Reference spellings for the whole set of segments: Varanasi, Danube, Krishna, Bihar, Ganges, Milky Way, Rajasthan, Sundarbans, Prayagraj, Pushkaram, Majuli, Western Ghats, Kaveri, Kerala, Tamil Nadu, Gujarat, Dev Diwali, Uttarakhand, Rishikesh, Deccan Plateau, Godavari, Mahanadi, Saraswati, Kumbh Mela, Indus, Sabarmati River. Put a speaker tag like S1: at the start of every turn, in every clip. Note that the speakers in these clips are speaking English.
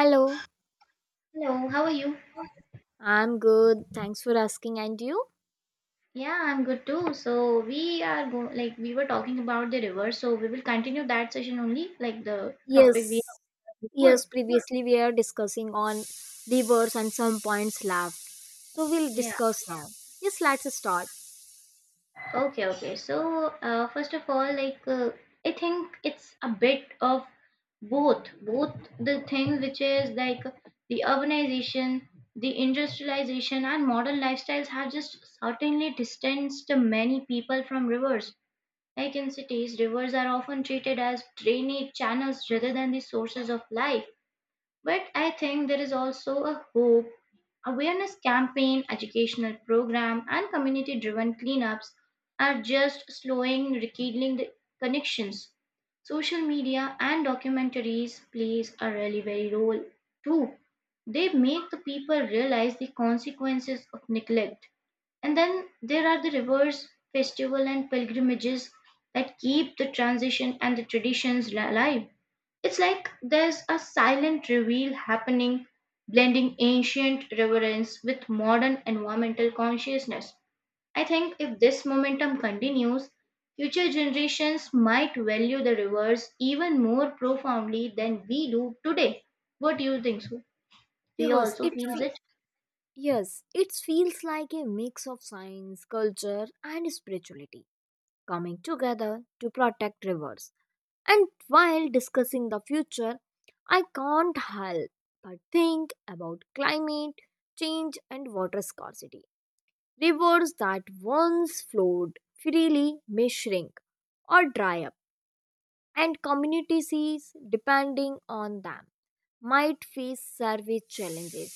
S1: Hello.
S2: Hello, how are you?
S1: I'm good, thanks for asking. And you?
S2: Yeah, I'm good too. So we are go like we were talking about the river, so we will continue that session only, like the topic we
S1: Yes,
S2: had before.
S1: yes. Previously, we are discussing on reverse and some points left. So we'll
S2: Yeah.
S1: discuss now. Yes, let's start.
S2: Okay, okay. So first of all, I think it's a bit of both the thing, which is like the urbanization, the industrialization, and modern lifestyles have just certainly distanced many people from rivers. Like in cities, rivers are often treated as drainage channels rather than the sources of life. But I think there is also a hope. Awareness campaign, educational program, and community driven cleanups are just slowing, rekindling the connections. Social media and documentaries plays a really very role too. They make the people realize the consequences of neglect, and then there are the rivers, festival, and pilgrimages that keep the transition and the alive. It's like there's a silent reveal happening, blending ancient reverence with modern environmental consciousness. I think if this momentum continues, future generations might value the rivers even more profoundly than we do today. What do you think? So, do you
S1: Yes,
S2: also
S1: it
S2: feel
S1: fe-
S2: it?
S1: yes, it feels like a mix of science, culture, and spirituality coming together to protect rivers. And while discussing the future, I can't help but think about climate change and water scarcity. Rivers that once flowed freely may shrink or dry up, and communities depending on them might face service challenges.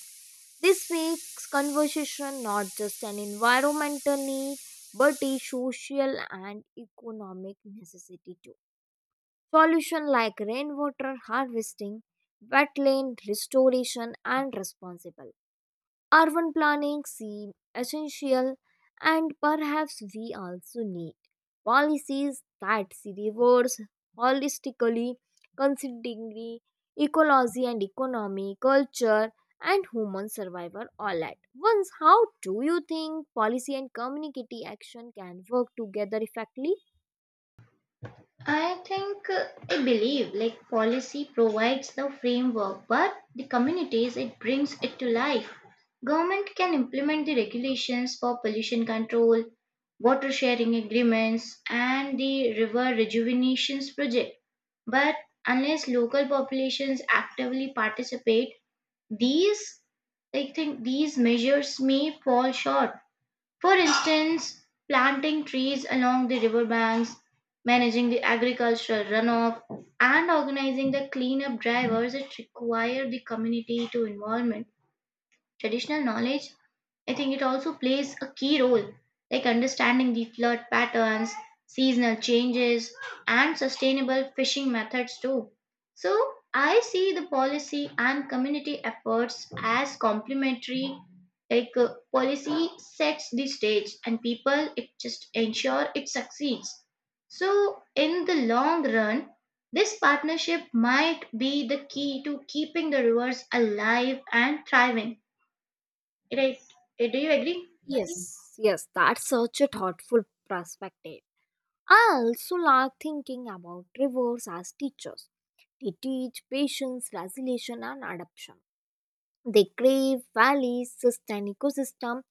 S1: This makes conservation not just an environmental need but a social and economic necessity too. Solutions like rainwater harvesting, wetland restoration, and responsible urban planning seem essential, and perhaps we also need policies that see rivers holistically, considering ecology and economy, culture, and human survival all at once. How do you think policy and community action can work together effectively?
S2: I think I believe like policy provides the framework, but the communities it brings it to life. Government can implement the regulations for pollution control, water sharing agreements, and the river rejuvenations project. But unless local populations actively participate, these I think these measures may fall short. For instance, planting trees along the riverbanks, managing the agricultural runoff, and organizing the cleanup drivers that require the community to involvement traditional knowledge, I think it also plays a key role, like understanding the flood patterns, seasonal changes, and sustainable fishing methods too. So, I see the policy and community efforts as complementary. Policy sets the stage, and people it just ensure it succeeds. So, in the long run, this partnership might be the key to keeping the rivers alive and thriving. Right. Do you agree?
S1: Yes, that's such a thoughtful perspective. I also like thinking about rivers as teachers. They teach patience, resilience, and adaptation. They crave valleys, sustain ecosystem,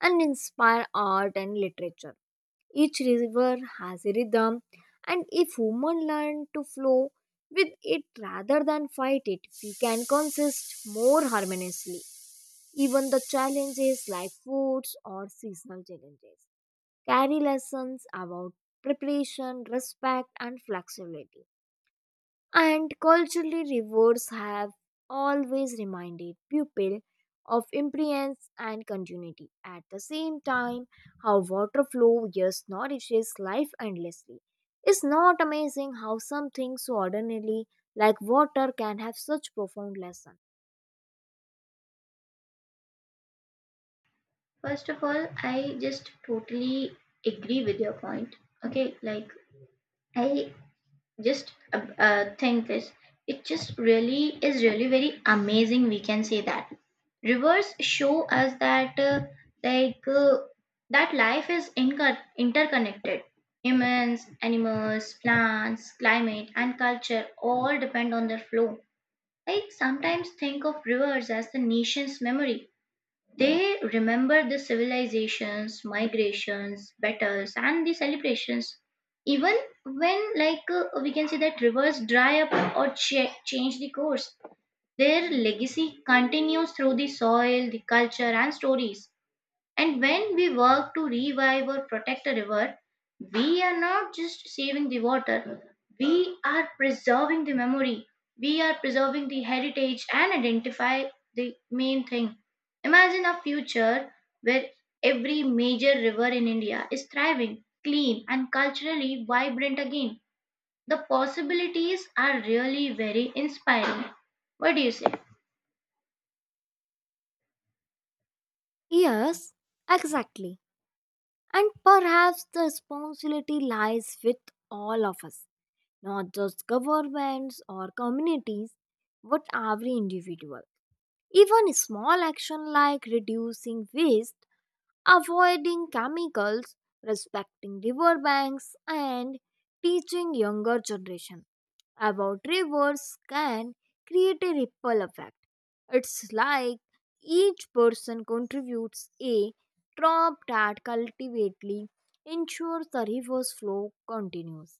S1: and inspire art and literature. Each river has a rhythm, and if women learn to flow with it rather than fight it, we can coexist more harmoniously. Even the challenges like foods or seasonal challenges carry lessons about preparation, respect, and flexibility, and culturally rewards have always reminded pupil of impermanence and continuity. At the same time, how water flow just nourishes life endlessly. It's not amazing how something so ordinarily like water can have such profound lesson.
S2: First of all, I just totally agree with your point. Okay, like I just think this. It just really is really very amazing. We can say that rivers show us that like uh, that life is interconnected. Humans, animals, plants, climate, and culture all depend on their flow. I sometimes think of rivers as the nation's memory. They remember the civilizations, migrations, battles, and the celebrations. Even when, we can say that rivers dry up or change the course, their legacy continues through the soil, the culture, and stories. And when we work to revive or protect a river, we are not just saving the water, we are preserving the memory, we are preserving the heritage and identify the main thing. Imagine a future where every major river in India is thriving, clean, and culturally vibrant again. The possibilities are really very inspiring. What do you say?
S1: Yes, exactly. And perhaps the responsibility lies with all of us, not just governments or communities, but every individual. Even small action like reducing waste, avoiding chemicals, respecting riverbanks, and teaching younger generation about rivers can create a ripple effect. It's like each person contributes a drop that cultivately ensures the river's flow continues.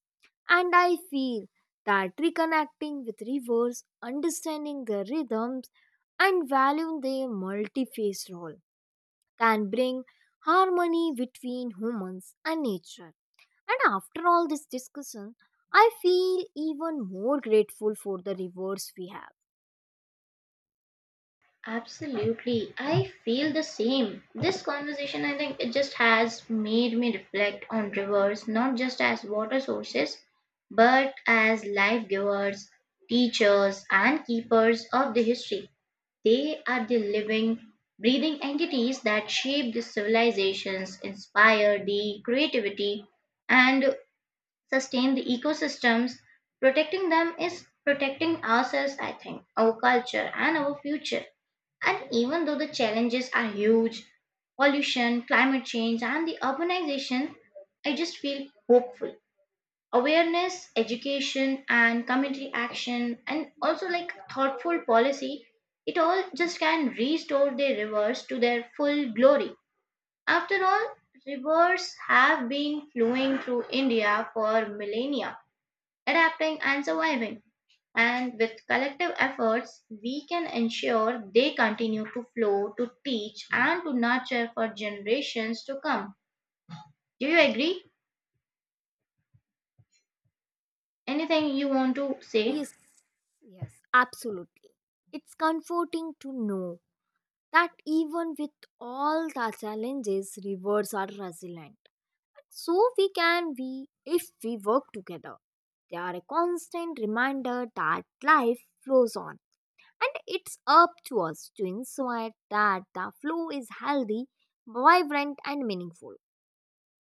S1: And I feel that reconnecting with rivers, understanding their rhythms, and valuing their multi-phase role can bring harmony between humans and nature. And after all this discussion, I feel even more grateful for the rivers we have.
S2: Absolutely. I feel the same. This conversation, I think, it just has made me reflect on rivers not just as water sources, but as life givers, teachers, and keepers of the history. They are the living, breathing entities that shape the civilizations, inspire the creativity, and sustain the ecosystems. Protecting them is protecting ourselves, I think, our culture, and our future. And even though the challenges are huge, pollution, climate change, and the urbanization, I just feel hopeful. Awareness, education, and community action, and also like thoughtful policy, it all just can restore the rivers to their full glory. After all, rivers have been flowing through India for millennia, adapting and surviving. And with collective efforts, we can ensure they continue to flow, to teach, and to nurture for generations to come. Do you agree? Anything you want to say?
S1: Yes, yes, absolutely. It's comforting to know that even with all the challenges, rivers are resilient. So we can be if we work together. They are a constant reminder that life flows on. And it's up to us to ensure that the flow is healthy, vibrant, and meaningful.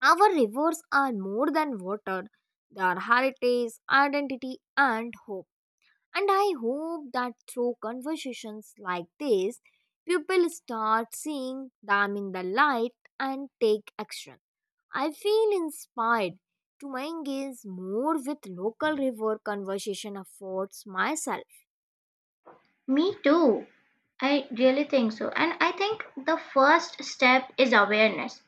S1: Our rivers are more than water, they are heritage, identity, and hope. And I hope that through conversations like this, people start seeing them in the light and take action. I feel inspired to engage more with local river conservation efforts myself.
S2: Me too. I really think so. And I think the first step is awareness.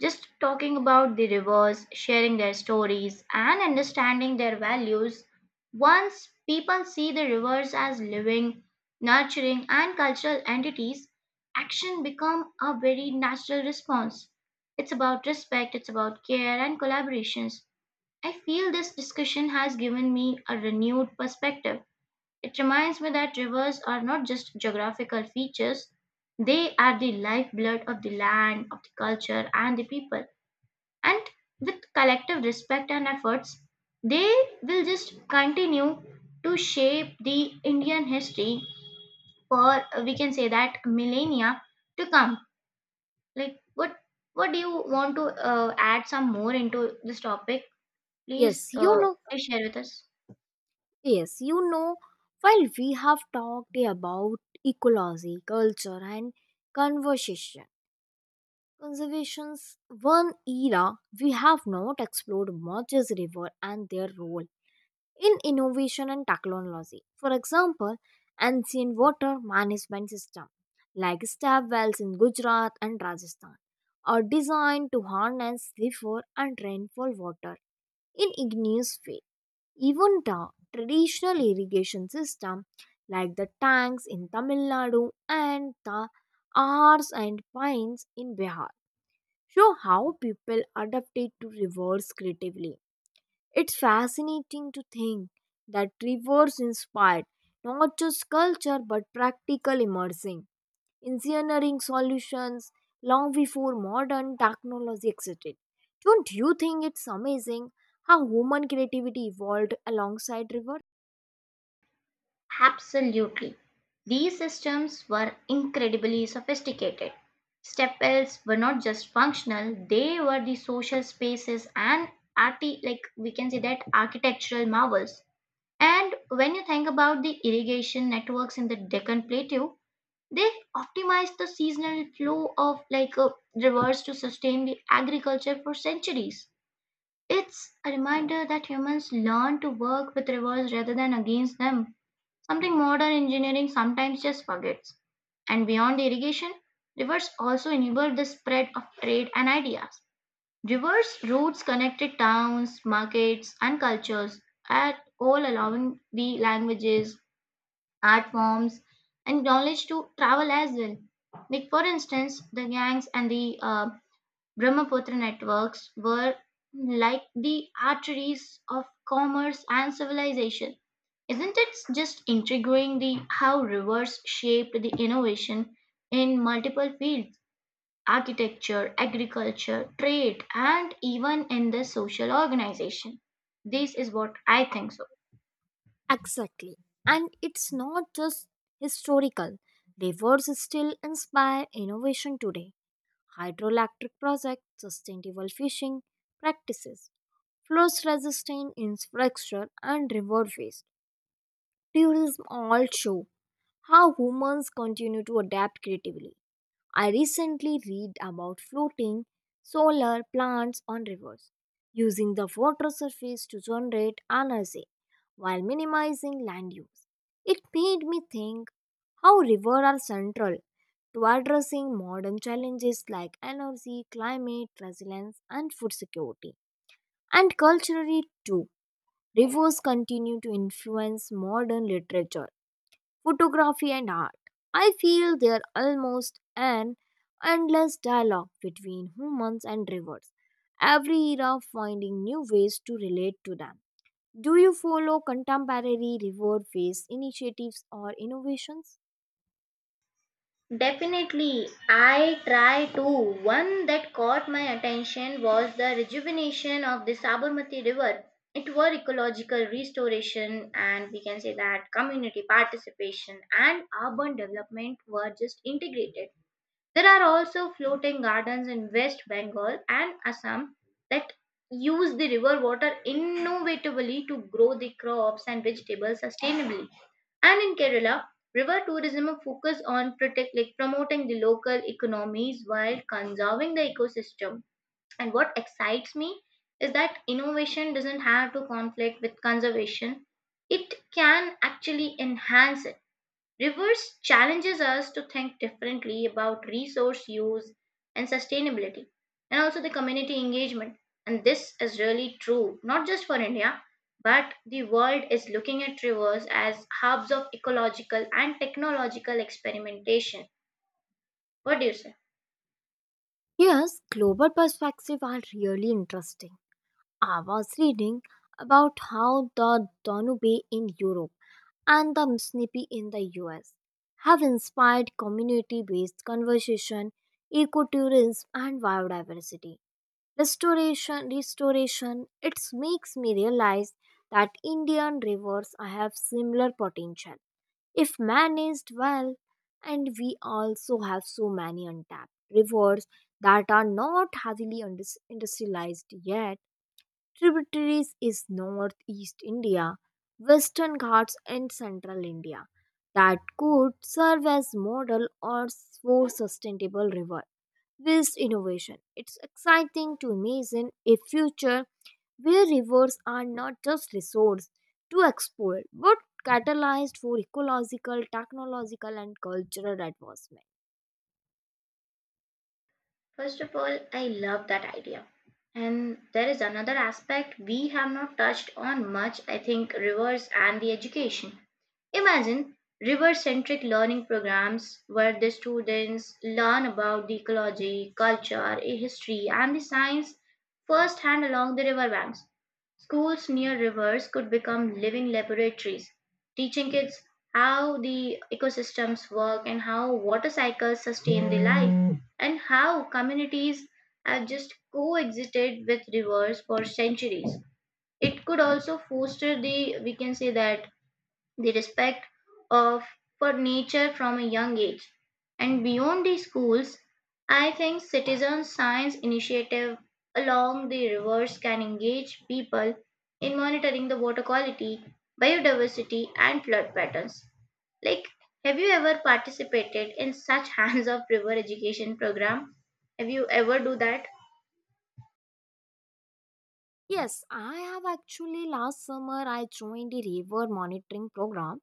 S2: Just talking about the rivers, sharing their stories, and understanding their values. Once people see the rivers as living, nurturing, and cultural entities, action become a very natural response. It's about respect, it's about care and collaborations. I feel this discussion has given me a renewed perspective. It reminds me that rivers are not just geographical features, they are the lifeblood of the land, of the culture, and the people, and with collective respect and efforts they will just continue to shape the Indian history for we can say that millennia to come. Like, what do you want to add some more into this topic, please,
S1: Yes, you know.
S2: share with us.
S1: Yes, you know, while we have talked about ecology, culture, and conversation, conservation's one era we have not explored much is river and their role in innovation and technology. For example, ancient water management system like stab wells in Gujarat and Rajasthan are designed to harness river and rainfall water in igneous way. Even the traditional irrigation system like the tanks in Tamil Nadu and the R's and pines in Bihar show how people adapted to rivers creatively. It's fascinating to think that rivers inspired not just culture but practical immersing, engineering solutions long before modern technology existed. Don't you think it's amazing how human creativity evolved alongside rivers?
S2: Absolutely. These systems were incredibly sophisticated. Step wells were not just functional, they were the social spaces and like we can say that architectural marvels. And when you think about the irrigation networks in the Deccan Plateau, they optimized the seasonal flow of rivers to sustain the agriculture for centuries. It's a reminder that humans learn to work with rivers rather than against them, something modern engineering sometimes just forgets. And beyond irrigation, rivers also enabled the spread of trade and ideas. Rivers' routes connected towns, markets, and cultures, at all allowing the languages, art forms, and knowledge to travel as well. Like, for instance, the gangs and the Brahmaputra networks were like the arteries of commerce and civilization. Isn't it just intriguing the how rivers shaped the innovation in multiple fields? Architecture, agriculture, trade, and even in the social organization. This is what I think so.
S1: Exactly. And it's not just historical. Rivers still inspire innovation today. Hydroelectric projects, sustainable fishing practices, flood resistant infrastructure, and river waste tourism all show how humans continue to adapt creatively. I recently read about floating solar plants on rivers, using the water surface to generate energy while minimizing land use. It made me think how rivers are central to addressing modern challenges like energy, climate resilience, and food security. And culturally, too, rivers continue to influence modern literature, photography, and art. I feel there are almost an endless dialogue between humans and rivers, every era finding new ways to relate to them. Do you follow contemporary river based initiatives or innovations?
S2: Definitely, I try to. One that caught my attention was the rejuvenation of the Sabarmati River. It were ecological restoration and we can say that community participation and urban development were just integrated. There are also floating gardens in West Bengal and Assam that use the river water innovatively to grow the crops and vegetables sustainably. And in Kerala, river tourism focus on protect, like promoting the local economies while conserving the ecosystem. And what excites me is that innovation doesn't have to conflict with conservation. It can actually enhance it. Reverse challenges us to think differently about resource use and sustainability and also the community engagement. And this is really true, not just for India, but the world is looking at rivers as hubs of ecological and technological experimentation. What do you say?
S1: Yes, global perspectives are really interesting. I was reading about how the Danube in Europe and the snippy in the US have inspired community-based conservation, ecotourism, and biodiversity restoration. Restoration, it makes me realize that Indian rivers have similar potential if managed well, and we also have so many untapped rivers that are not heavily industrialized yet. Tributaries is northeast India, western Ghats, and central India that could serve as model or for sustainable river based innovation. It's exciting to imagine a future where rivers are not just resource to exploit but catalyzed for ecological, technological, and cultural advancement.
S2: First of all, I love that idea. And there is another aspect we have not touched on much, I think, rivers and the education. Imagine river centric learning programs where the students learn about the ecology, culture, history, and the science firsthand along the riverbanks. Schools near rivers could become living laboratories, teaching kids how the ecosystems work and how water cycles sustain the life, and how communities have just coexisted with rivers for centuries. It could also foster the, we can say that the respect of for nature from a young age, and beyond the schools I think citizen science initiative along the rivers can engage people in monitoring the water quality, biodiversity, and flood patterns. Like, have you ever participated in such hands of river education program? Have you ever do that?
S1: Yes, I have. Actually, last summer I joined a river monitoring program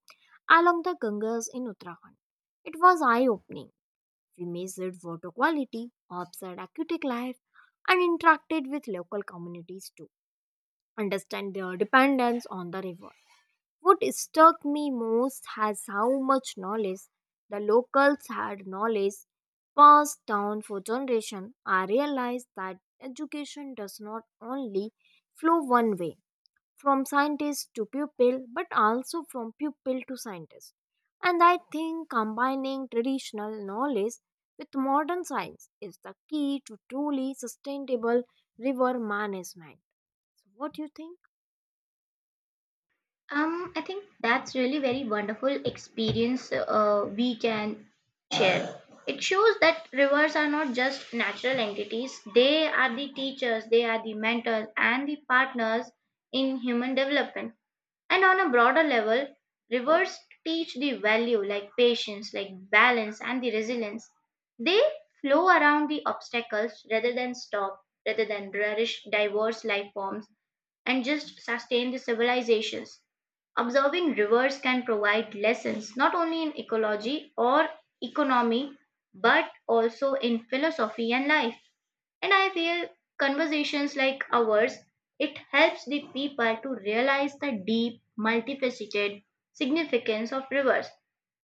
S1: along the Ganges in Uttarakhand. It was eye opening. We measured water quality, observed aquatic life, and interacted with local communities to understand their dependence on the river. What struck me most was how much knowledge the locals had, knowledge passed down for generations. I realized that education does not only flow one way from scientist to pupil but also from pupil to scientist, and I think combining traditional knowledge with modern science is the key to truly sustainable river management. So what do you think?
S2: I think that's really very wonderful experience we can share. It shows that rivers are not just natural entities, they are the teachers, they are the mentors, and the partners in human development. And on a broader level, rivers teach the value like patience, like balance, and the resilience. They flow around the obstacles rather than stop, rather than nourish diverse life forms and just sustain the civilizations Observing rivers can provide lessons not only in ecology or economy but also in philosophy and life. And I feel conversations like ours, it helps the people to realize the deep, multifaceted significance of rivers.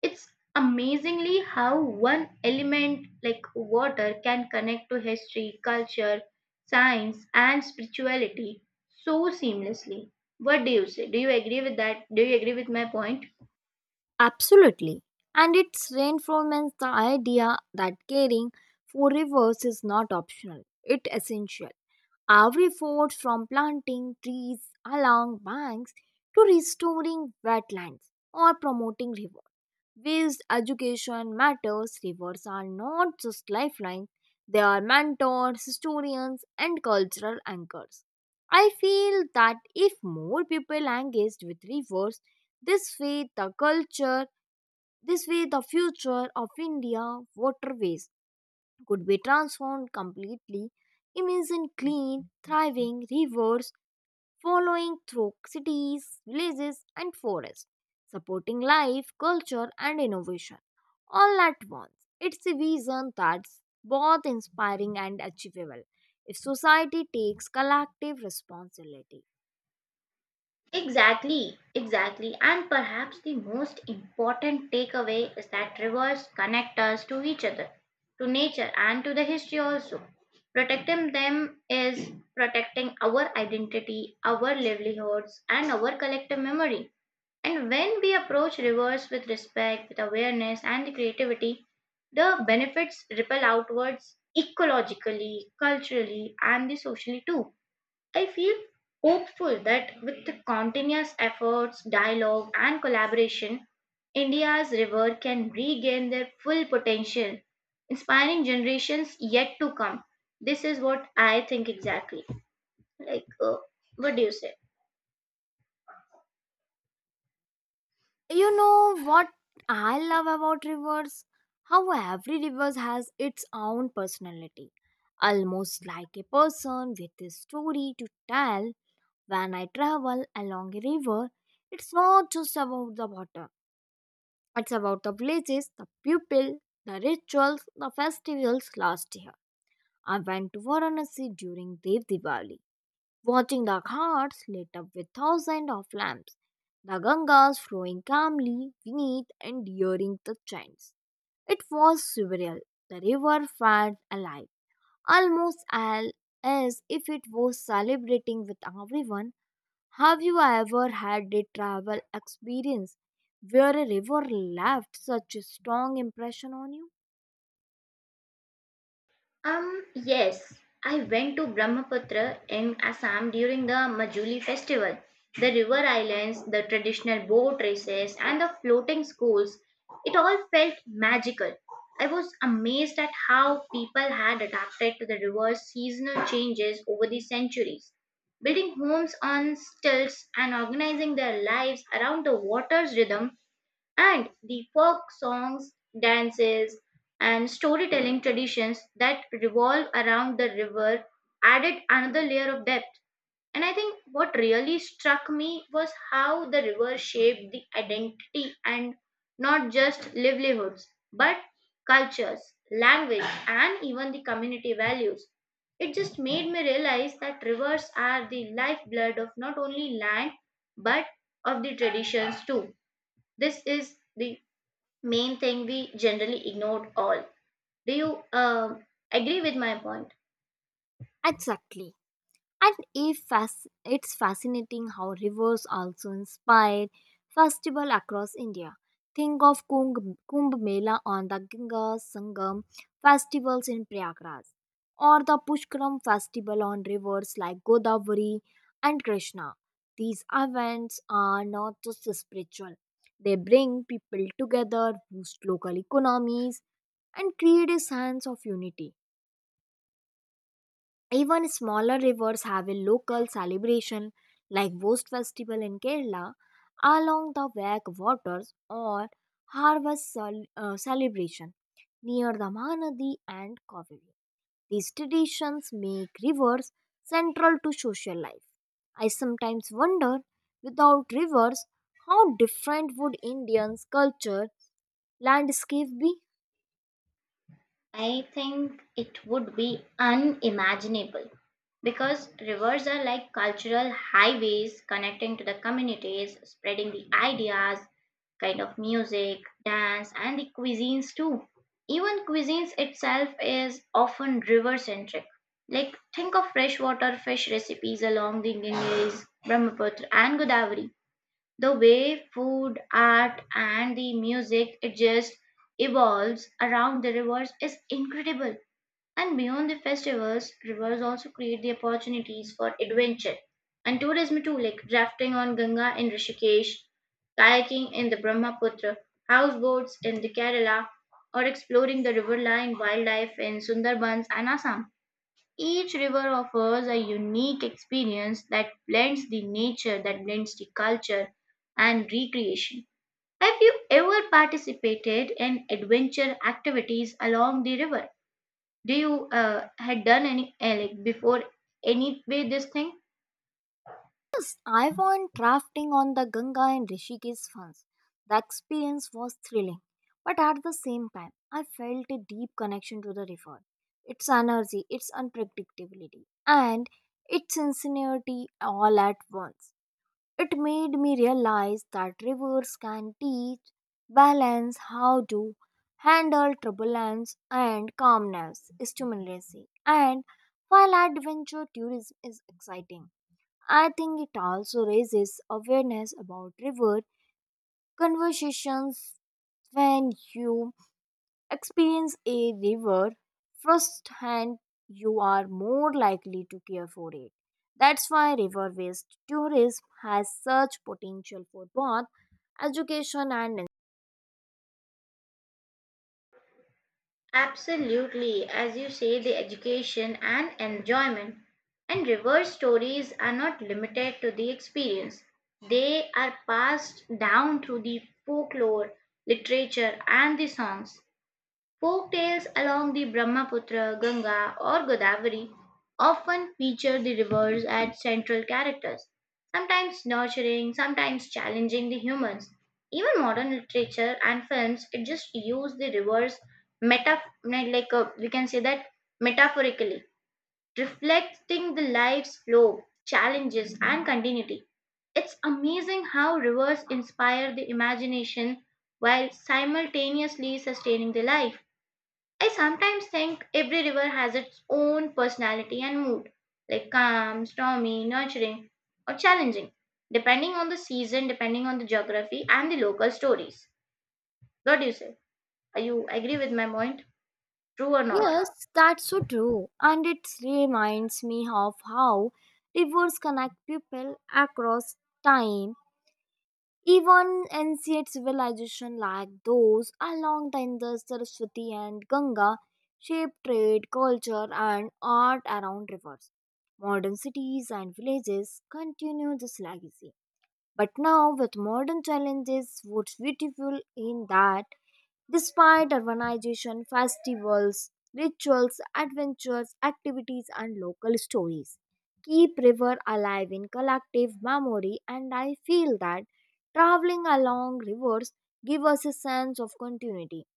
S2: It's amazingly how one element like water can connect to history, culture, science, and spirituality so seamlessly. What do you say? Do you agree with that? Do you agree with my point?
S1: Absolutely. And it reinforces the idea that caring for rivers is not optional, it's essential. Every effort from planting trees along banks to restoring wetlands or promoting rivers waste education matters. Rivers are not just lifelines, they are mentors, historians, and cultural anchors. I feel that if more people engaged with rivers, this way the culture, this way the future of India waterways could be transformed completely. Imagine clean, thriving rivers following through cities, villages, and forests, supporting life, culture, and innovation all at once. It's a vision that's both inspiring and achievable if society takes collective responsibility.
S2: Exactly, exactly. And perhaps the most important takeaway is that rivers connect us to each other, to nature, and to the history also. Protecting them is protecting our identity, our livelihoods, and our collective memory. And when we approach rivers with respect, with awareness, and creativity, the benefits ripple outwards ecologically, culturally, and the socially too. I feel hopeful that with the continuous efforts, dialogue, and collaboration, India's river can regain their full potential, inspiring generations yet to come. This is what I think exactly. Like, what do you say?
S1: You know what I love about rivers? How every river has its own personality, almost like a person with a story to tell. When I travel along a river, it's not just about the water, it's about the villages, the people, the rituals, the festivals. Last year, I went to Varanasi during Dev Diwali, watching the ghats lit up with thousands of lamps, the Gangas flowing calmly beneath and during the chants. It was surreal. The river felt alive, almost al- as if it was celebrating with everyone. Have you ever had a travel experience where a river left such a strong impression on you?
S2: Yes, I went to Brahmaputra in Assam during the Majuli festival. The river islands, the traditional boat races, and the floating schools, it all felt magical. I was amazed at how people had adapted to the river's seasonal changes over the centuries, building homes on stilts and organizing their lives around the water's rhythm, and the folk songs, dances, and storytelling traditions that revolve around the river added another layer of depth. And I think what really struck me was how the river shaped the identity, and not just livelihoods, but cultures, language, and even the community values. It just made me realize that rivers are the lifeblood of not only land but of the traditions too. This is the main thing we generally ignored all. Do you agree with my point?
S1: Exactly. And if fas- it's fascinating how rivers also inspired festival across India. Think of Kumbh, Kumbh Mela on the Ganga Sangam festivals in Prayagraj, or the Pushkaram festival on rivers like Godavari and Krishna. These events are not just spiritual; they bring people together, boost local economies, and create a sense of unity. Even smaller rivers have a local celebration like Vost Festival in Kerala along the Wak waters, or harvest celebration near the Mahanadi and Kaveri. These traditions make rivers central to social life. I sometimes wonder, without rivers, how different would Indians culture landscape be?
S2: I think it would be unimaginable, because rivers are like cultural highways connecting to the communities, spreading the ideas, kind of music, dance, and the cuisines too. Even cuisines itself is often river centric. Like, think of freshwater fish recipes along the Ganges, Brahmaputra, and Godavari. The way food, art, and the music it just evolves around the rivers is incredible. And beyond the festivals, rivers also create the opportunities for adventure and tourism too, like rafting on Ganga in Rishikesh, kayaking in the Brahmaputra, houseboats in the Kerala, or exploring the riverline wildlife in Sundarbans and Assam. Each river offers a unique experience that blends the nature, that blends the culture and recreation. Have you ever participated in adventure activities along the river? Do you had done any like before any way this thing?
S1: I went rafting on the Ganga in Rishikesh once. The experience was thrilling, but at the same time, I felt a deep connection to the river, its energy, its unpredictability, and its sincerity all at once. It made me realize that rivers can teach balance, how to handle turbulence and calmness, stimulation, and while adventure tourism is exciting, I think it also raises awareness about river conversations. When you experience a river firsthand, you are more likely to care for it. That's why river based tourism has such potential for both education and
S2: Absolutely, as you say, the education and enjoyment and reverse stories are not limited to the experience. They are passed down through the folklore, literature, and the songs. Folk tales along the Brahmaputra, Ganga, or Godavari often feature the rivers as central characters, sometimes nurturing, sometimes challenging the humans. Even modern literature and films it just use the rivers we can say that metaphorically, reflecting the life's flow, challenges, and continuity. It's amazing how rivers inspire the imagination while simultaneously sustaining the life. I sometimes think every river has its own personality and mood, like calm, stormy, nurturing, or challenging, depending on the season, depending on the geography, and the local stories. What do you say? Are you agree with my point? True or not?
S1: Yes, that's so true. And it reminds me of how rivers connect people across time. Even ancient civilizations like those along the Indus, Saraswati, and Ganga shaped trade, culture, and art around rivers. Modern cities and villages continue this legacy. But now, with modern challenges, what's beautiful in that despite urbanization, festivals, rituals, adventures, activities, and local stories keep river alive in collective memory, and I feel that traveling along rivers give us a sense of continuity,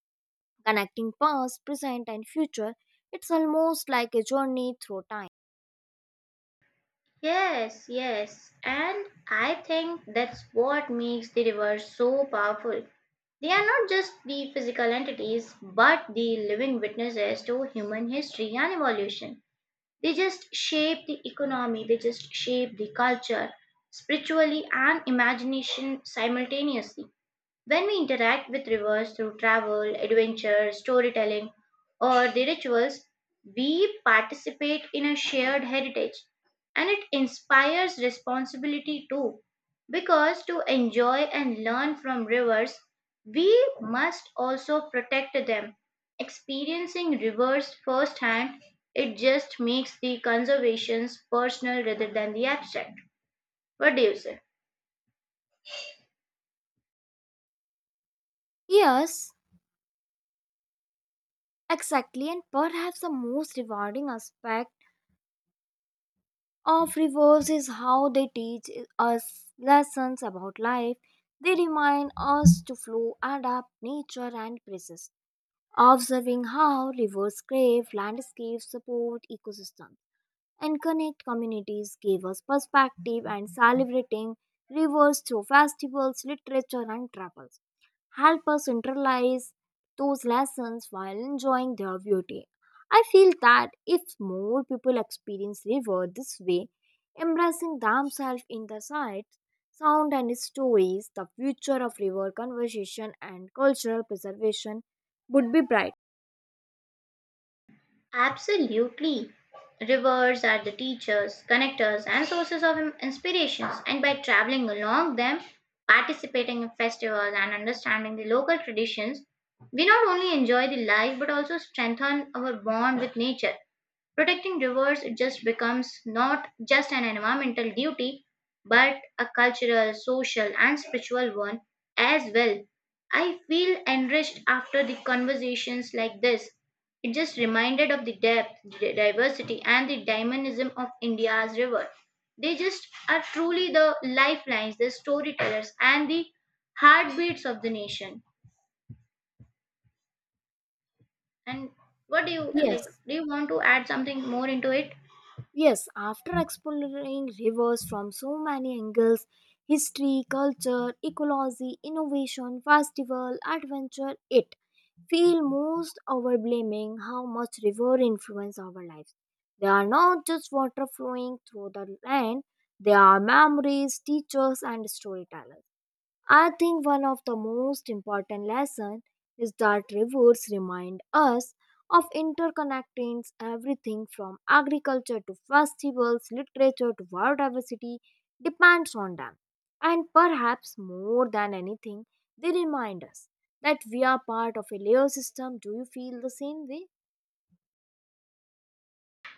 S1: connecting past, present, and future. It's almost like a journey through time.
S2: Yes, yes. And I think that's what makes the rivers so powerful. They are not just the physical entities, but the living witnesses to human history and evolution. They just shape the economy, they just shape the culture, spiritually and imagination simultaneously. When we interact with rivers through travel, adventure, storytelling, or the rituals, we participate in a shared heritage and it inspires responsibility too. Because to enjoy and learn from rivers, we must also protect them. Experiencing rivers firsthand, it just makes the conservations personal rather than the abstract. What do you say?
S1: Yes, exactly, and perhaps the most rewarding aspect of rivers is how they teach us lessons about life. They remind us to flow, adapt, nature, and persist. Observing how rivers crave landscapes, support ecosystems, and connect communities gave us perspective, and celebrating rivers through festivals, literature, and travels help us internalize those lessons while enjoying their beauty. I feel that if more people experience river this way, embracing themselves in the sights, sound, and stories, the future of river conservation and cultural preservation would be bright.
S2: Absolutely. Rivers are the teachers, connectors, and sources of inspirations, and by traveling along them, participating in festivals, and understanding the local traditions, we not only enjoy the life but also strengthen our bond with nature. Protecting rivers just becomes not just an environmental duty, but a cultural, social, and spiritual one as well. I feel enriched after the conversations like this. It just reminded of the depth, the diversity, and the dynamism of India's river. They just are truly the lifelines, the storytellers, and the heartbeats of the nation. And what do you like?
S1: Yes.
S2: Do you want to add something more into it?
S1: Yes, after exploring rivers from so many angles, history, culture, ecology, innovation, festival, adventure, it feel most overblaming how much river influence our lives. They are not just water flowing through the land, they are memories, teachers, and storytellers. I think one of the most important lessons is that rivers remind us of interconnectings everything from agriculture to festivals, literature to biodiversity depends on them. And perhaps more than anything, they remind us that we are part of a layer system. Do you feel the same way?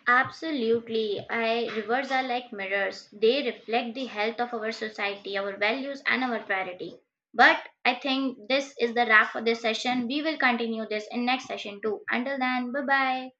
S2: Absolutely. I, rivers are like mirrors. They reflect the health of our society, our values, and our priority. But I think this is the wrap for this session. We will continue this in next session too. Until then, bye bye.